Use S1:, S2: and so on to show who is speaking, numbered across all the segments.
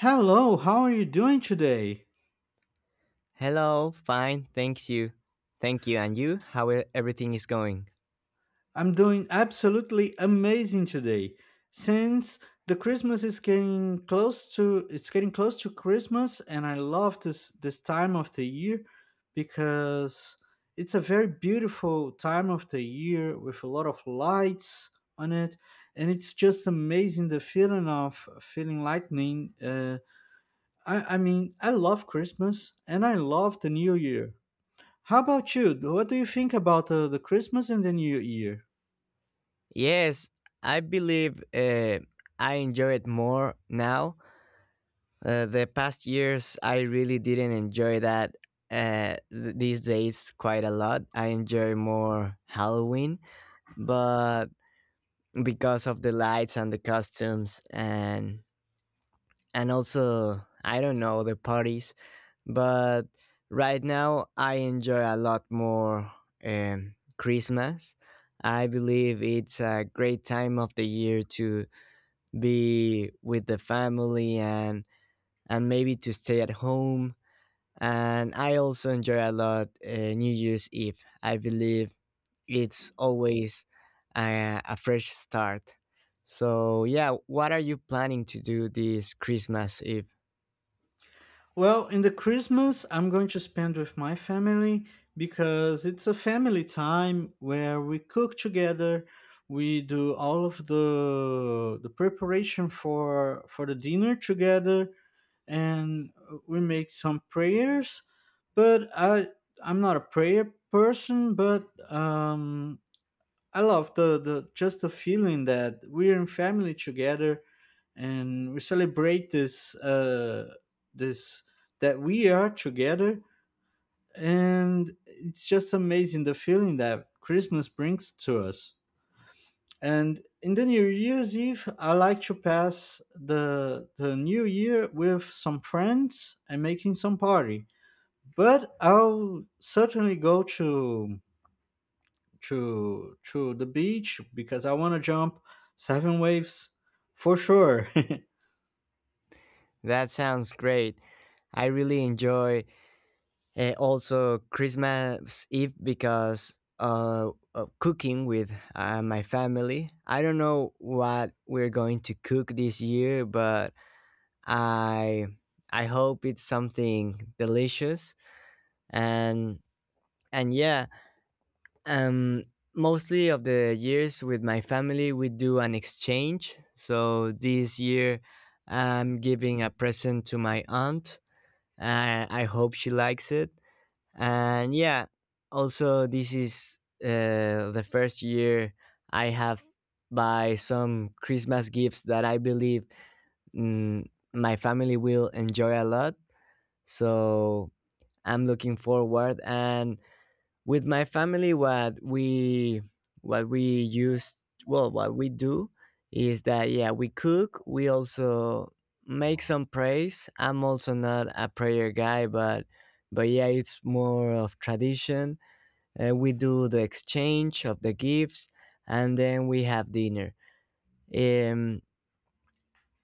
S1: Hello, how are you doing today?
S2: Hello, fine, thanks you. Thank you, and you? Everything is going?
S1: I'm doing absolutely amazing today. Since the Christmas is getting close to it's getting close to Christmas, and I love this time of the year because it's a very beautiful time of the year with a lot of lights on it. And it's just amazing, the feeling of feeling lightning. I mean, I love Christmas and I love the new year. How about you? What do you think about the Christmas and the New Year?
S2: Yes, I believe I enjoy it more now. The past years, I really didn't enjoy that. These days, quite a lot. I enjoy more Halloween, but because of the lights and the costumes, and also I don't know, the parties. But right now I enjoy a lot more Christmas. I believe it's a great time of the year to be with the family, and maybe to stay at home. And I also enjoy a lot New Year's Eve. I believe it's always a fresh start. So yeah, what are you planning to do this Christmas Eve?
S1: Well, in the Christmas, I'm going to spend with my family because it's a family time where we cook together. We do all of the preparation for the dinner together, and we make some prayers. But I'm not a prayer person, but um, I love the feeling that we're in family together, and we celebrate this that we are together, and it's just amazing, the feeling that Christmas brings to us. And in the New Year's Eve, I like to pass the New Year with some friends and making some party. But I'll certainly go to the beach because I want to jump seven waves for sure.
S2: That sounds great. I really enjoy also, Christmas Eve because of cooking with my family. I don't know what we're going to cook this year, but I I hope it's something delicious, and yeah. Um, Mostly of the years with my family, we do an exchange. So this year, I'm giving a present to my aunt. I hope she likes it, and yeah, also this is the first year I have buy some Christmas gifts that I believe, mm, my family will enjoy a lot. So I'm looking forward. And with my family, what we use well, what we do is that, yeah, we cook. We also make some praise. I'm also not a prayer guy, but yeah, it's more of tradition. We do the exchange of the gifts, and then we have dinner. Um,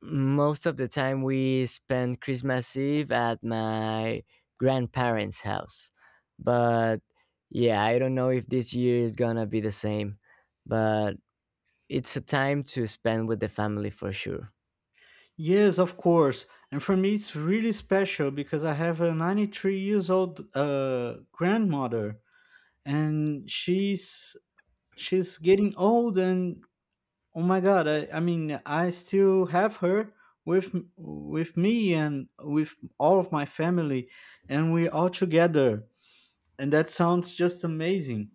S2: Most of the time, we spend Christmas Eve at my grandparents' house. But yeah, I don't know if this year is gonna be the same, but it's a time to spend with the family for sure.
S1: Yes, of course. And for me, it's really special because I have a 93 years old grandmother, and she's getting old. And oh my God, I mean, I still have her with me and with all of my family, and we're all together. And that sounds just amazing.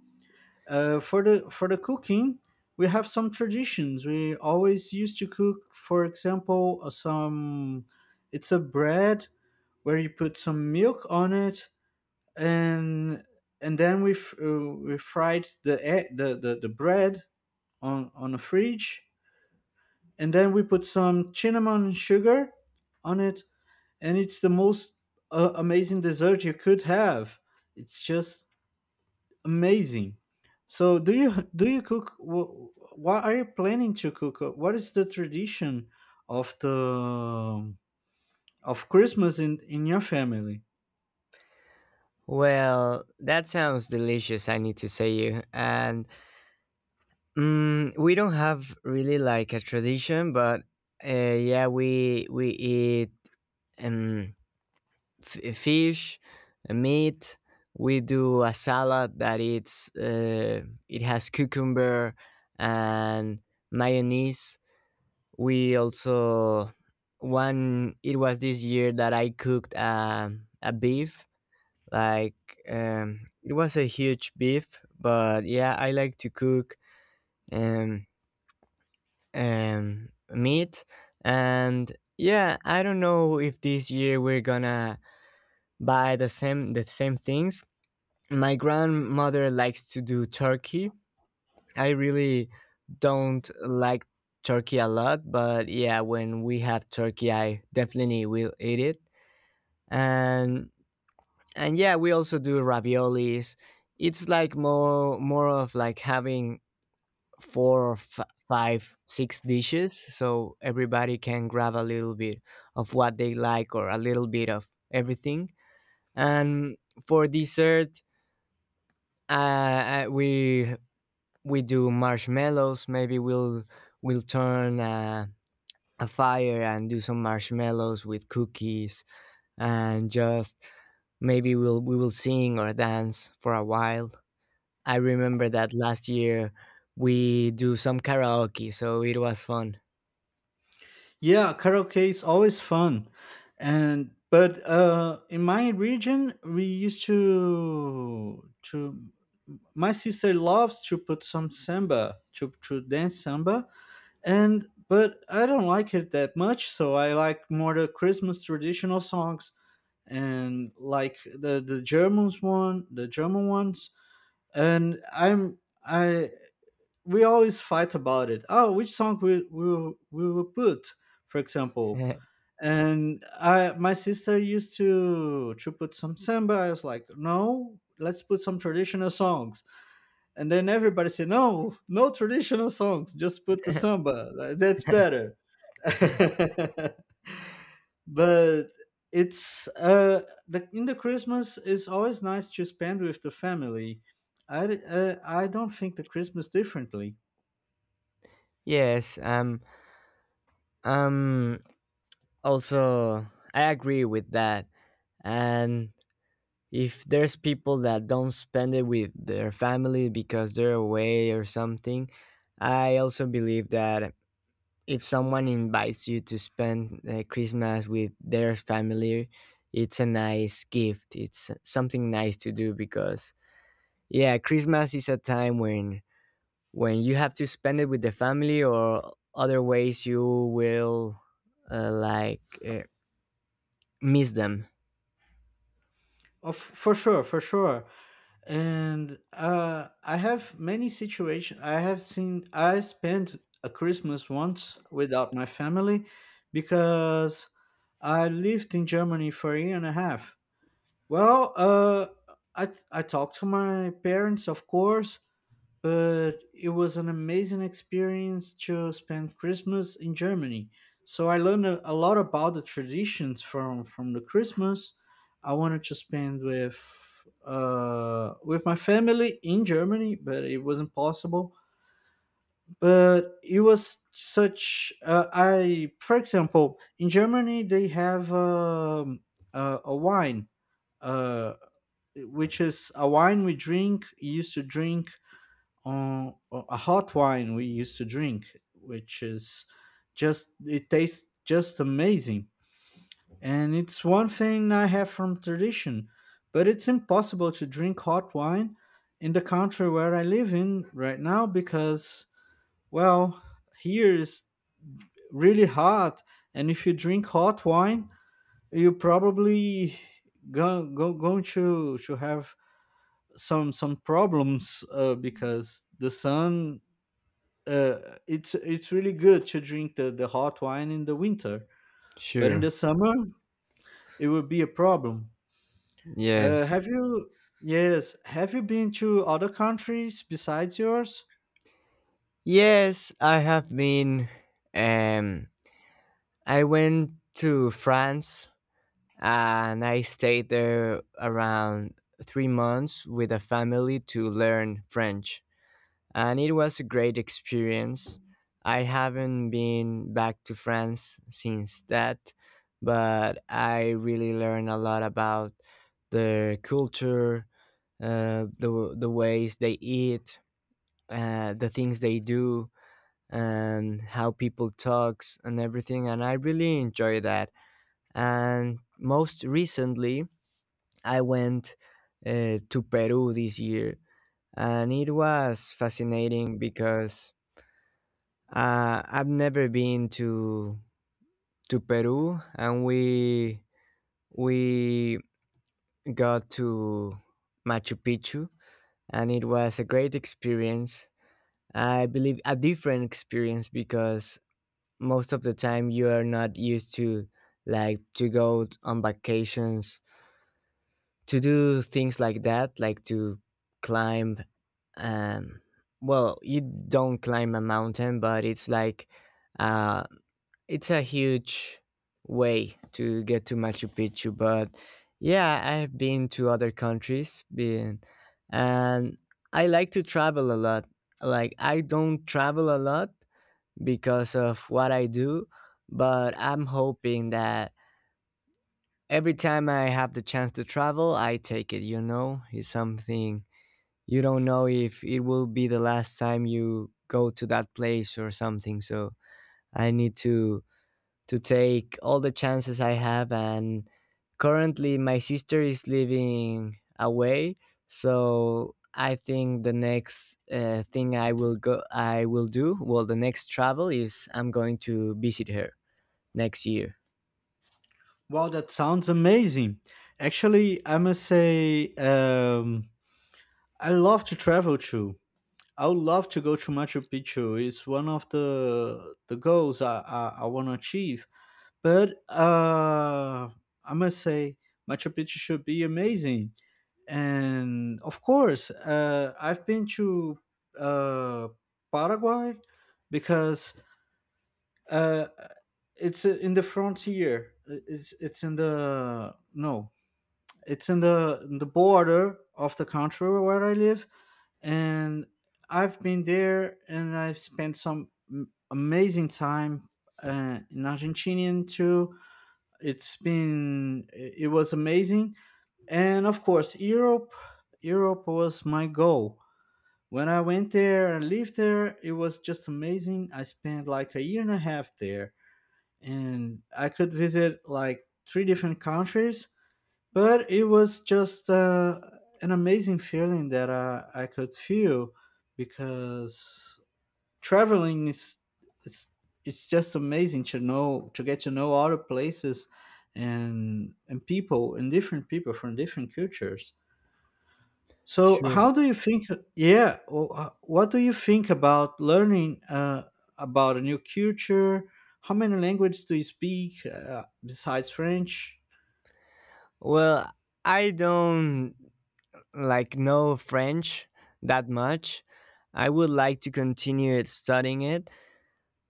S1: For the cooking, we have some traditions. We always used to cook, for example, some, it's a bread where you put some milk on it, and and then we fried the, e- the the bread on a fridge, and then we put some cinnamon sugar on it. And it's the most amazing dessert you could have. It's just amazing. So do you cook? What are you planning to cook? What is the tradition of the of Christmas in your family?
S2: Well, that sounds delicious, I need to say you. And, we don't have really like a tradition, but yeah, we eat, um, fish, meat. We do a salad that it has cucumber and mayonnaise. We also, one, it was this year that I cooked a beef, like, it was a huge beef, but yeah, I like to cook, um, meat. And yeah, I don't know if this year we're gonna buy the same things. My grandmother likes to do turkey. I really don't like turkey a lot, but yeah, when we have turkey, I definitely will eat it. And and yeah, we also do raviolis. It's like more of like having four or five six dishes, so everybody can grab a little bit of what they like, or a little bit of everything. And for dessert, Uh, uh, we we do marshmallows. Maybe we'll turn a fire and do some marshmallows with cookies, and just maybe we will sing or dance for a while. I remember that last year we do some karaoke, so it was fun.
S1: Yeah, karaoke is always fun, and but in my region, we used to my sister loves to put some samba to dance samba, and but I don't like it that much. So I like more the Christmas traditional songs, and like the German ones, and I'm I we always fight about it. Oh, which song we will put, for example. And I my sister used to put some samba. I was like, no, let's put some traditional songs. And then everybody said, no, no traditional songs. Just put the samba. Like, that's better. But it's the in the Christmas, is always nice to spend with the family. I don't think the Christmas differently.
S2: Yes, um, also, I agree with that. And if there's people that don't spend it with their family because they're away or something, I also believe that if someone invites you to spend Christmas with their family, it's a nice gift. It's something nice to do because yeah, Christmas is a time when you have to spend it with the family, or other ways you will, like, uh, miss them.
S1: Of For sure, for sure. And I have many situations, I have seen I spent a Christmas once without my family because I lived in Germany for a year and a half. Well, I talked to my parents, of course, but it was an amazing experience to spend Christmas in Germany. So I learned a lot about the traditions from the Christmas. I wanted to spend with my family in Germany, but it wasn't possible. But it was such, I for example, in Germany they have a wine, uh which is a wine we drink used to drink, a hot wine we used to drink, which is just, it tastes just amazing. And it's one thing I have from tradition, but it's impossible to drink hot wine in the country where I live in right now because, well, here is really hot, and if you drink hot wine, you probably go, go going to have some problems, because the sun, uh, it's really good to drink the hot wine in the winter, but in the
S2: Sure.
S1: summer it would be a problem.
S2: Yes.
S1: Have you yes, have you been to other countries besides yours?
S2: Yes, I have been. Um, I went to France and I stayed there around 3 months with a family to learn French. And it was a great experience. I haven't been back to France since that, but I really learned a lot about their culture, the ways they eat, the things they do, and how people talks and everything. And I really enjoy that. And most recently, I went to Peru this year, and it was fascinating because I've never been to Peru. And we got to Machu Picchu, and it was a great experience. I believe a different experience, because most of the time you are not used to, like, to go on vacations, to do things like that, like to climb, um well, you don't climb a mountain, but it's like, uh it's a huge way to get to Machu Picchu. But yeah, I've been to other countries, been. And I like to travel a lot. Like, I don't travel a lot because of what I do, but I'm hoping that every time I have the chance to travel, I take it, you know? It's something, you don't know if it will be the last time you go to that place or something. So I need to take all the chances I have. And currently my sister is living away, so I think the next thing I will do, well, the next travel, is I'm going to visit her next year.
S1: Wow, that sounds amazing. Actually, I must say, I love to travel too. I would love to go to Machu Picchu. It's one of the goals I want to achieve. But I must say, Machu Picchu should be amazing. And of course, I've been to uh, Paraguay because, uh, it's in the frontier. It's in the, no, it's in the border of the country where I live, and I've been there and I've spent some amazing time in Argentinian too. It was amazing. And of course, Europe. Europe was my goal when I went there and lived there. It was just amazing. I spent like a year and a half there, and I could visit like three different countries. But it was just an amazing feeling that I could feel, because traveling is, is it's just amazing, to know, to get to know other places, and people, and different people from different cultures. So
S2: Sure.
S1: how do you think Yeah. What do you think about learning, about a new culture? How many languages do you speak, besides French?
S2: Well, I don't, like, know French that much. I would like to continue studying it,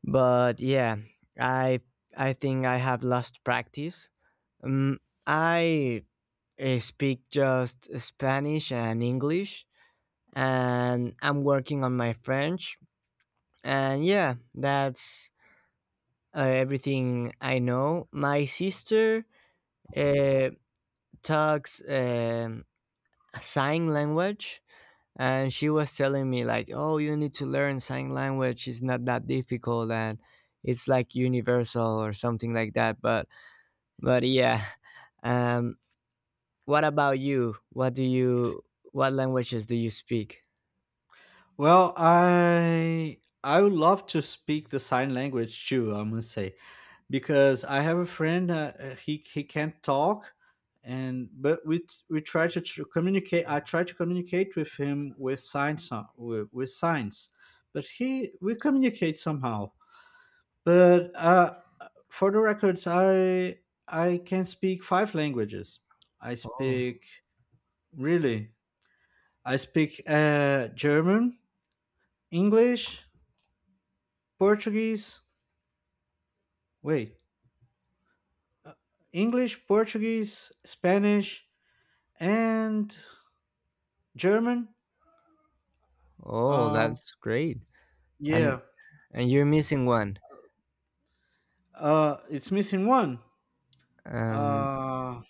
S2: but yeah, I I think I have lost practice. Um, I speak just Spanish and English, and I'm working on my French. And yeah, that's everything I know. My sister uh, talks, sign language. And she was telling me, like, "Oh, you need to learn sign language. It's not that difficult, and it's, like, universal or something like that." But yeah. um what about you? What languages do you speak?
S1: Well, I would love to speak the sign language too, I must say, because I have a friend, he can't talk, and but we t- we try to, tr communicate I try to communicate with him with signs, with signs, but he we communicate somehow. But for the records, I can speak five languages. I
S2: Oh.
S1: speak really I speak German, English, Portuguese, wait, English, Portuguese, Spanish, and German.
S2: Oh
S1: Um,
S2: that's great. and
S1: yeah.
S2: and you're missing one.
S1: It's missing one.
S2: um
S1: Uh,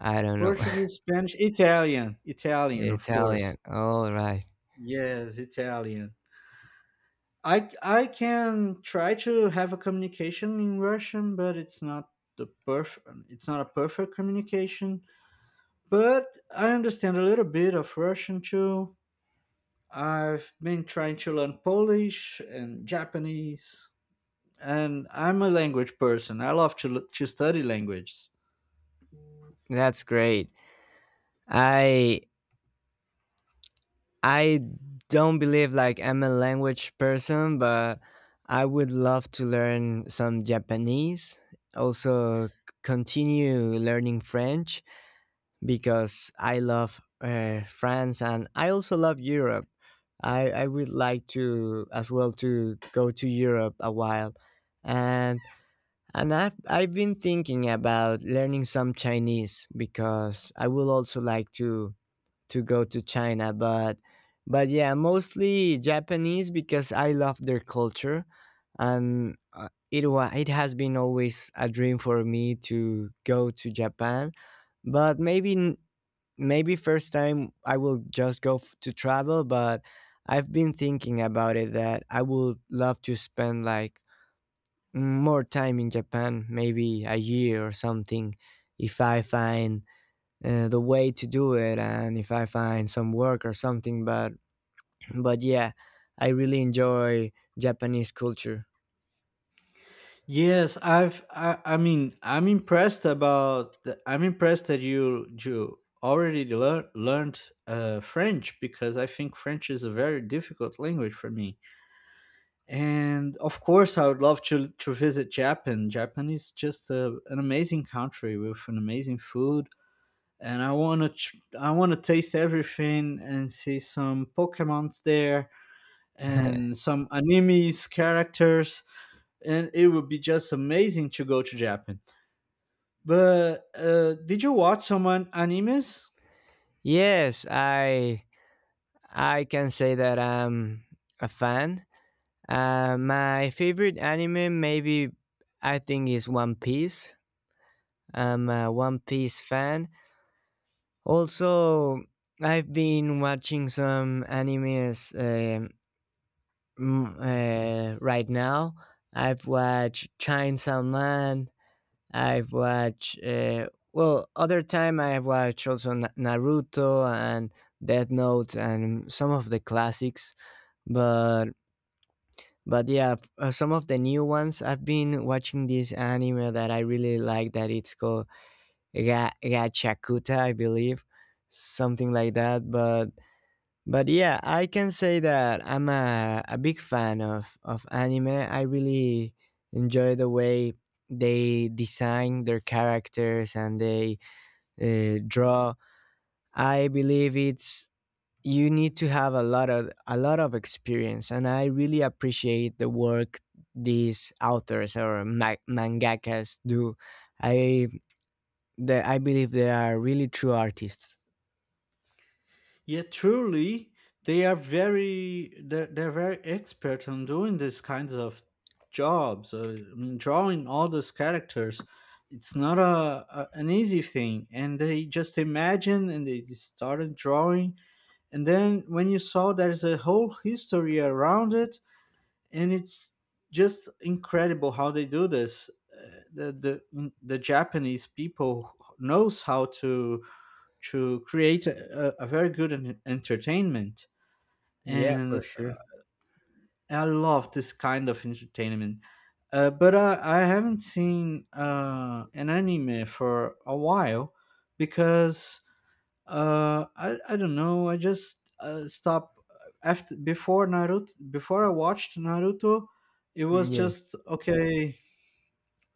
S2: I don't know.
S1: Portuguese, Spanish, Italian, Italian, of course.
S2: Italian, all right.
S1: Yes, Italian. I can try to have a communication in Russian, but it's not the perfect. It's not a perfect communication. But I understand a little bit of Russian too. I've been trying to learn Polish and Japanese, and I'm a language person. I love to study languages.
S2: That's great. I I don't believe, like, I'm a language person, but I would love to learn some Japanese. Also, continue learning French because I love France, and I also love Europe. I would like to as well to go to Europe a while. And and I've been thinking about learning some Chinese because I would also like to go to China. But yeah, mostly Japanese, because I love their culture, and it has been always a dream for me to go to Japan. But maybe first time I will just go to travel, but I've been thinking about it, that I would love to spend, like, more time in Japan, maybe a year or something, if I find the way to do it and if I find some work or something. But but yeah, I really enjoy Japanese culture.
S1: Yes, I mean, I'm impressed that you already learned French, because I think French is a very difficult language for me. And of course, I would love to visit Japan. Japan is just an amazing country with an amazing food, and I wanna I wanna taste everything and see some Pokemon's there and some anime's characters, and it would be just amazing to go to Japan. But did you watch some animes?
S2: Yes, I can say that I'm a fan. My favorite anime, maybe I think, is One Piece. I'm a One Piece fan. Also, I've been watching some animes, mm, right now. I've watched Chainsaw Man, I've watched. Well, other time I have watched also Naruto and Death Note and some of the classics, but yeah, some of the new ones. I've been watching this anime that I really like. That it's called Gachakuta, I believe, something like that. But yeah, I can say that I'm a big fan of anime. I really enjoy the way they design their characters and they, draw. I believe it's you need to have a lot of experience, and I really appreciate the work these authors or mangakas do. I I believe they are really true artists.
S1: Yeah, truly, they are very, they're very expert on doing these kinds of jobs. I mean, drawing all those characters, it's not a, a an easy thing. And they just imagine and they just started drawing. And then when you saw, there's a whole history around it. And it's just incredible how they do this. The Japanese people knows how to create a very good entertainment.
S2: Yeah, for
S1: And
S2: sure.
S1: I love this kind of entertainment. But I haven't seen an anime for a while because, I don't know. I just stopped after, before Naruto. Before I watched Naruto, it was
S2: Yes.
S1: just okay.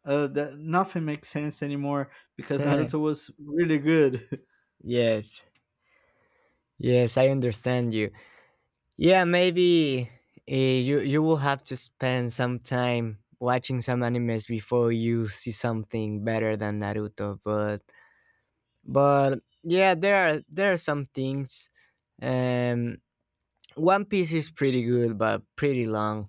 S1: That, nothing makes sense anymore because Naruto was really good.
S2: Yes. Yes, I understand you. Yeah, maybe you will have to spend some time watching some animes before you see something better than Naruto. But yeah, there are some things. Um, One Piece is pretty good, but pretty long.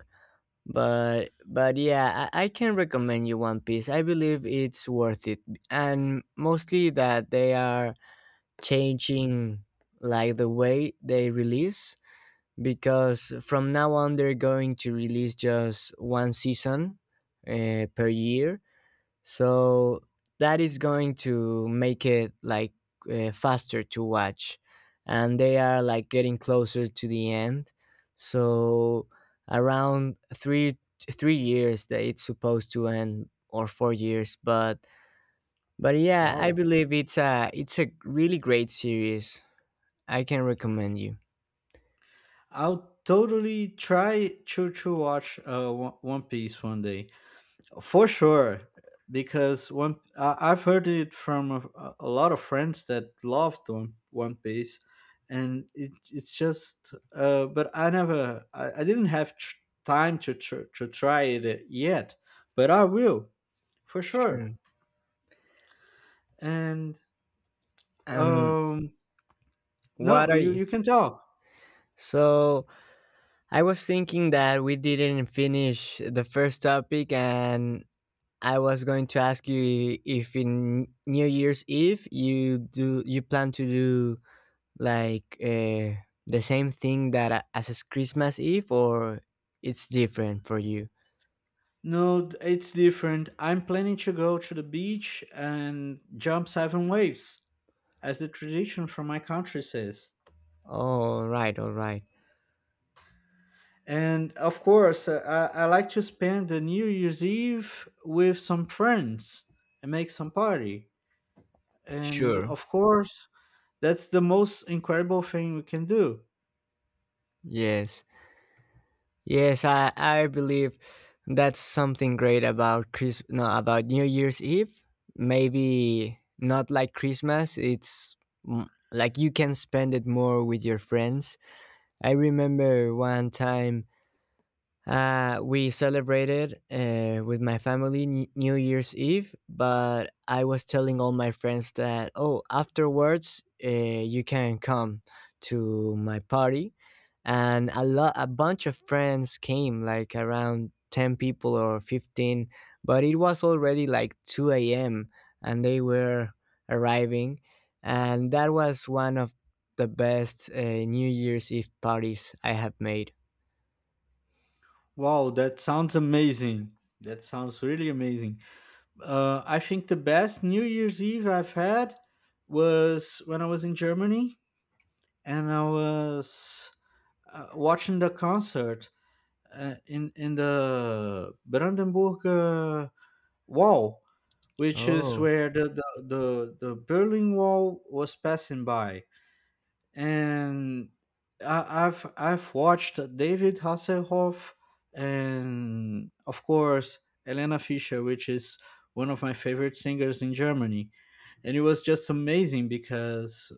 S2: But yeah, I can recommend you One Piece. I believe it's worth it, and mostly that they are changing, like, the way they release, because from now on they're going to release just one season per year. So that is going to make it like, faster to watch, and they are, like, getting closer to the end. So around three years that it's supposed to end, or 4 years. But yeah, I
S1: Wow.
S2: believe it's a, really great series. I can recommend you.
S1: I'll totally try to watch One Piece one day. For sure, because one I've heard it from a lot of friends that loved One Piece, and it's just. But I never, I didn't have time to try it yet, but I will for sure.
S2: Sure.
S1: And
S2: um
S1: um,
S2: what
S1: no,
S2: are
S1: you
S2: you...
S1: you can talk.
S2: So I was thinking that we didn't finish the first topic, and I was going to ask you if in New Year's Eve you plan to do, like, the same thing that as is Christmas Eve, or it's different for you.
S1: No, it's different. I'm planning to go to the beach and jump seven waves, as the tradition from my country says.
S2: All right,
S1: And of course, I like to spend the New Year's Eve with some friends and make some party. And
S2: sure,
S1: of course, that's the most incredible thing we can do.
S2: yes. Yes, I believe that's something great about Chris no, about New Year's Eve. Maybe not like Christmas. It's, like, you can spend it more with your friends. I remember one time, we celebrated, with my family, New Year's Eve, but I was telling all my friends that, oh, afterwards you can come to my party. And a bunch of friends came, like around 10 people or 15, but it was already like 2 a.m. and they were arriving. And that was one of the best New Year's Eve parties I have made.
S1: Wow, that sounds amazing. That sounds really amazing. I think the best New Year's Eve I've had was when I was in Germany, and I was watching the concert, in the Brandenburg, Wall, which is
S2: Oh,
S1: where the Berlin Wall was passing by. And I've watched David Hasselhoff and, of course, Elena Fischer, which is one of my favorite singers in Germany. And it was just amazing because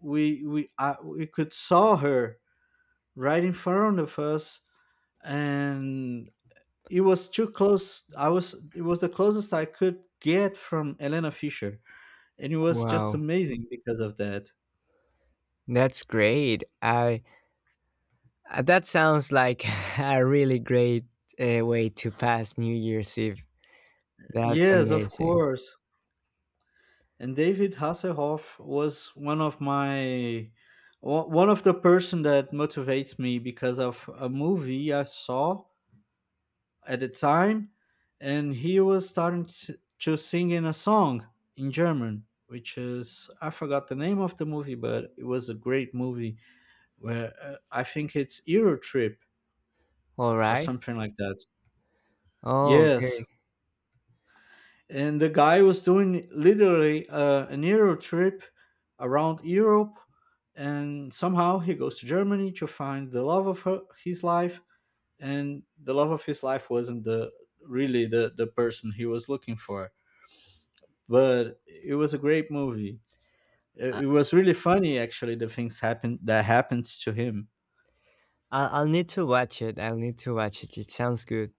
S1: we could saw her right in front of us, and it was too close. It was the closest I could get from Elena Fischer, and it was just
S2: wow.
S1: amazing because of that.
S2: That's great. I That sounds like a really great way to pass New Year's Eve. That's
S1: Yes, of
S2: amazing.
S1: course. And David Hasselhoff was one of the person that motivates me because of a movie I saw at the time, and he was starting to sing in a song in German, which is, I forgot the name of the movie, but it was a great movie where, I think it's Euro Trip
S2: All
S1: or
S2: right.
S1: something like that.
S2: Oh,
S1: Yes,
S2: okay.
S1: and the guy was doing literally, an Euro trip around Europe, and somehow he goes to Germany to find the love of his life, and the love of his life wasn't the really the person he was looking for, but it was a great movie. It,
S2: I-
S1: it was really funny, actually, the things happened that happened to him.
S2: I'll need to watch it. I'll need to watch it. It sounds good.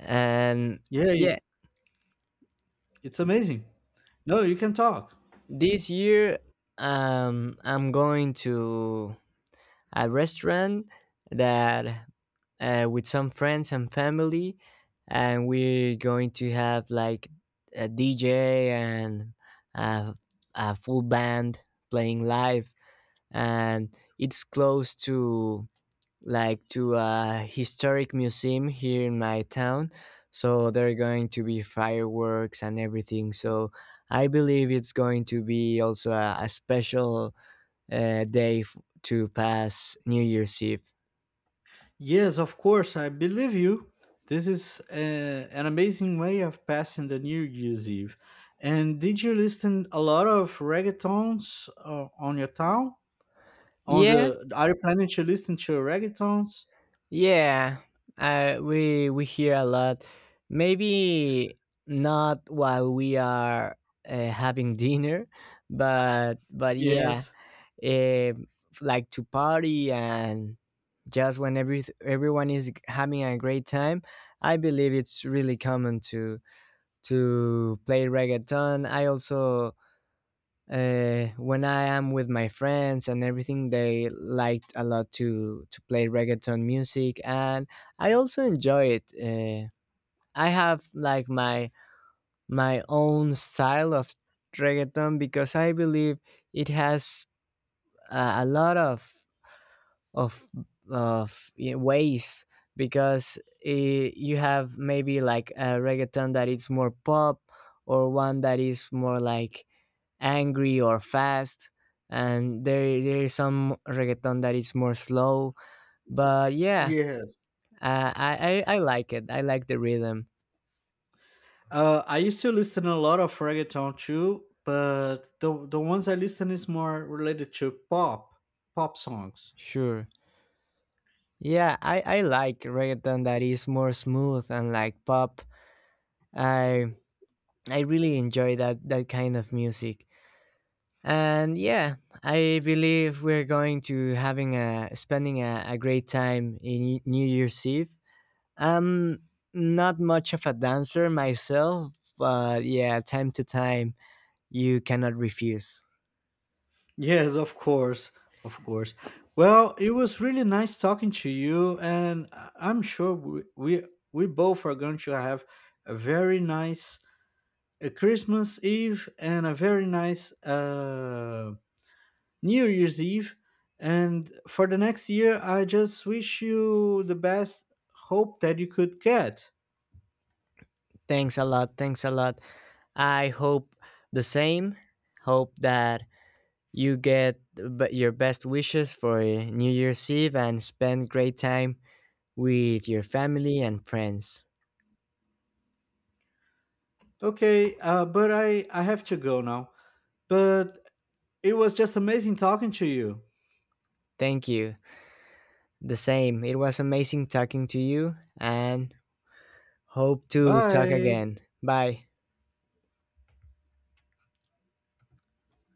S2: And
S1: Yeah, it's
S2: yeah,
S1: it's amazing. No, you can talk.
S2: this year, I'm going to a restaurant that, with some friends and family, and we're going to have like a DJ and a, a full band playing live, and it's close to, like, to a historic museum here in my town. So there are going to be fireworks and everything. So I believe it's going to be also a special day to pass New Year's Eve.
S1: Yes, of course, I believe you. This is an amazing way of passing the New Year's Eve. And did you listen a lot of reggaetons, on your town? On
S2: Yeah,
S1: the are you planning to listen to reggaetons?
S2: yeah. We hear a lot. Maybe not while we are having dinner, but yeah,
S1: Yes,
S2: eh, like to party, and just when everyone is having a great time, I believe it's really common to play reggaeton. I also, when I am with my friends and everything, they liked a lot to play reggaeton music, and I also enjoy it. I have like my own style of reggaeton, because I believe it has a lot of of ways, because you have maybe like a reggaeton that is more pop, or one that is more like angry or fast, and there is some reggaeton that is more slow. But yeah,
S1: yes.
S2: I like it. I like the rhythm.
S1: I used to listen a lot of reggaeton too, but the ones I listen is more related to pop, songs.
S2: Sure. Yeah, I like reggaeton that is more smooth and, like, pop. I i really enjoy that kind of music. And yeah, I believe we're going to having a spending a great time in New Year's Eve. I'm not much of a dancer myself, but yeah, time to time, you cannot refuse.
S1: Yes, of course, of course. Well, it was really nice talking to you, and I'm sure we both are going to have a very nice Christmas Eve and a very nice New Year's Eve. And for the next year, I just wish you the best hope that you could get.
S2: Thanks a lot, thanks a lot. I hope the same. Hope that you get your best wishes for New Year's Eve and spend great time with your family and friends.
S1: Okay, but I have to go now. But it was just amazing talking to you.
S2: Thank you. The same. It was amazing talking to you, and hope to talk
S1: Bye.
S2: again. Bye.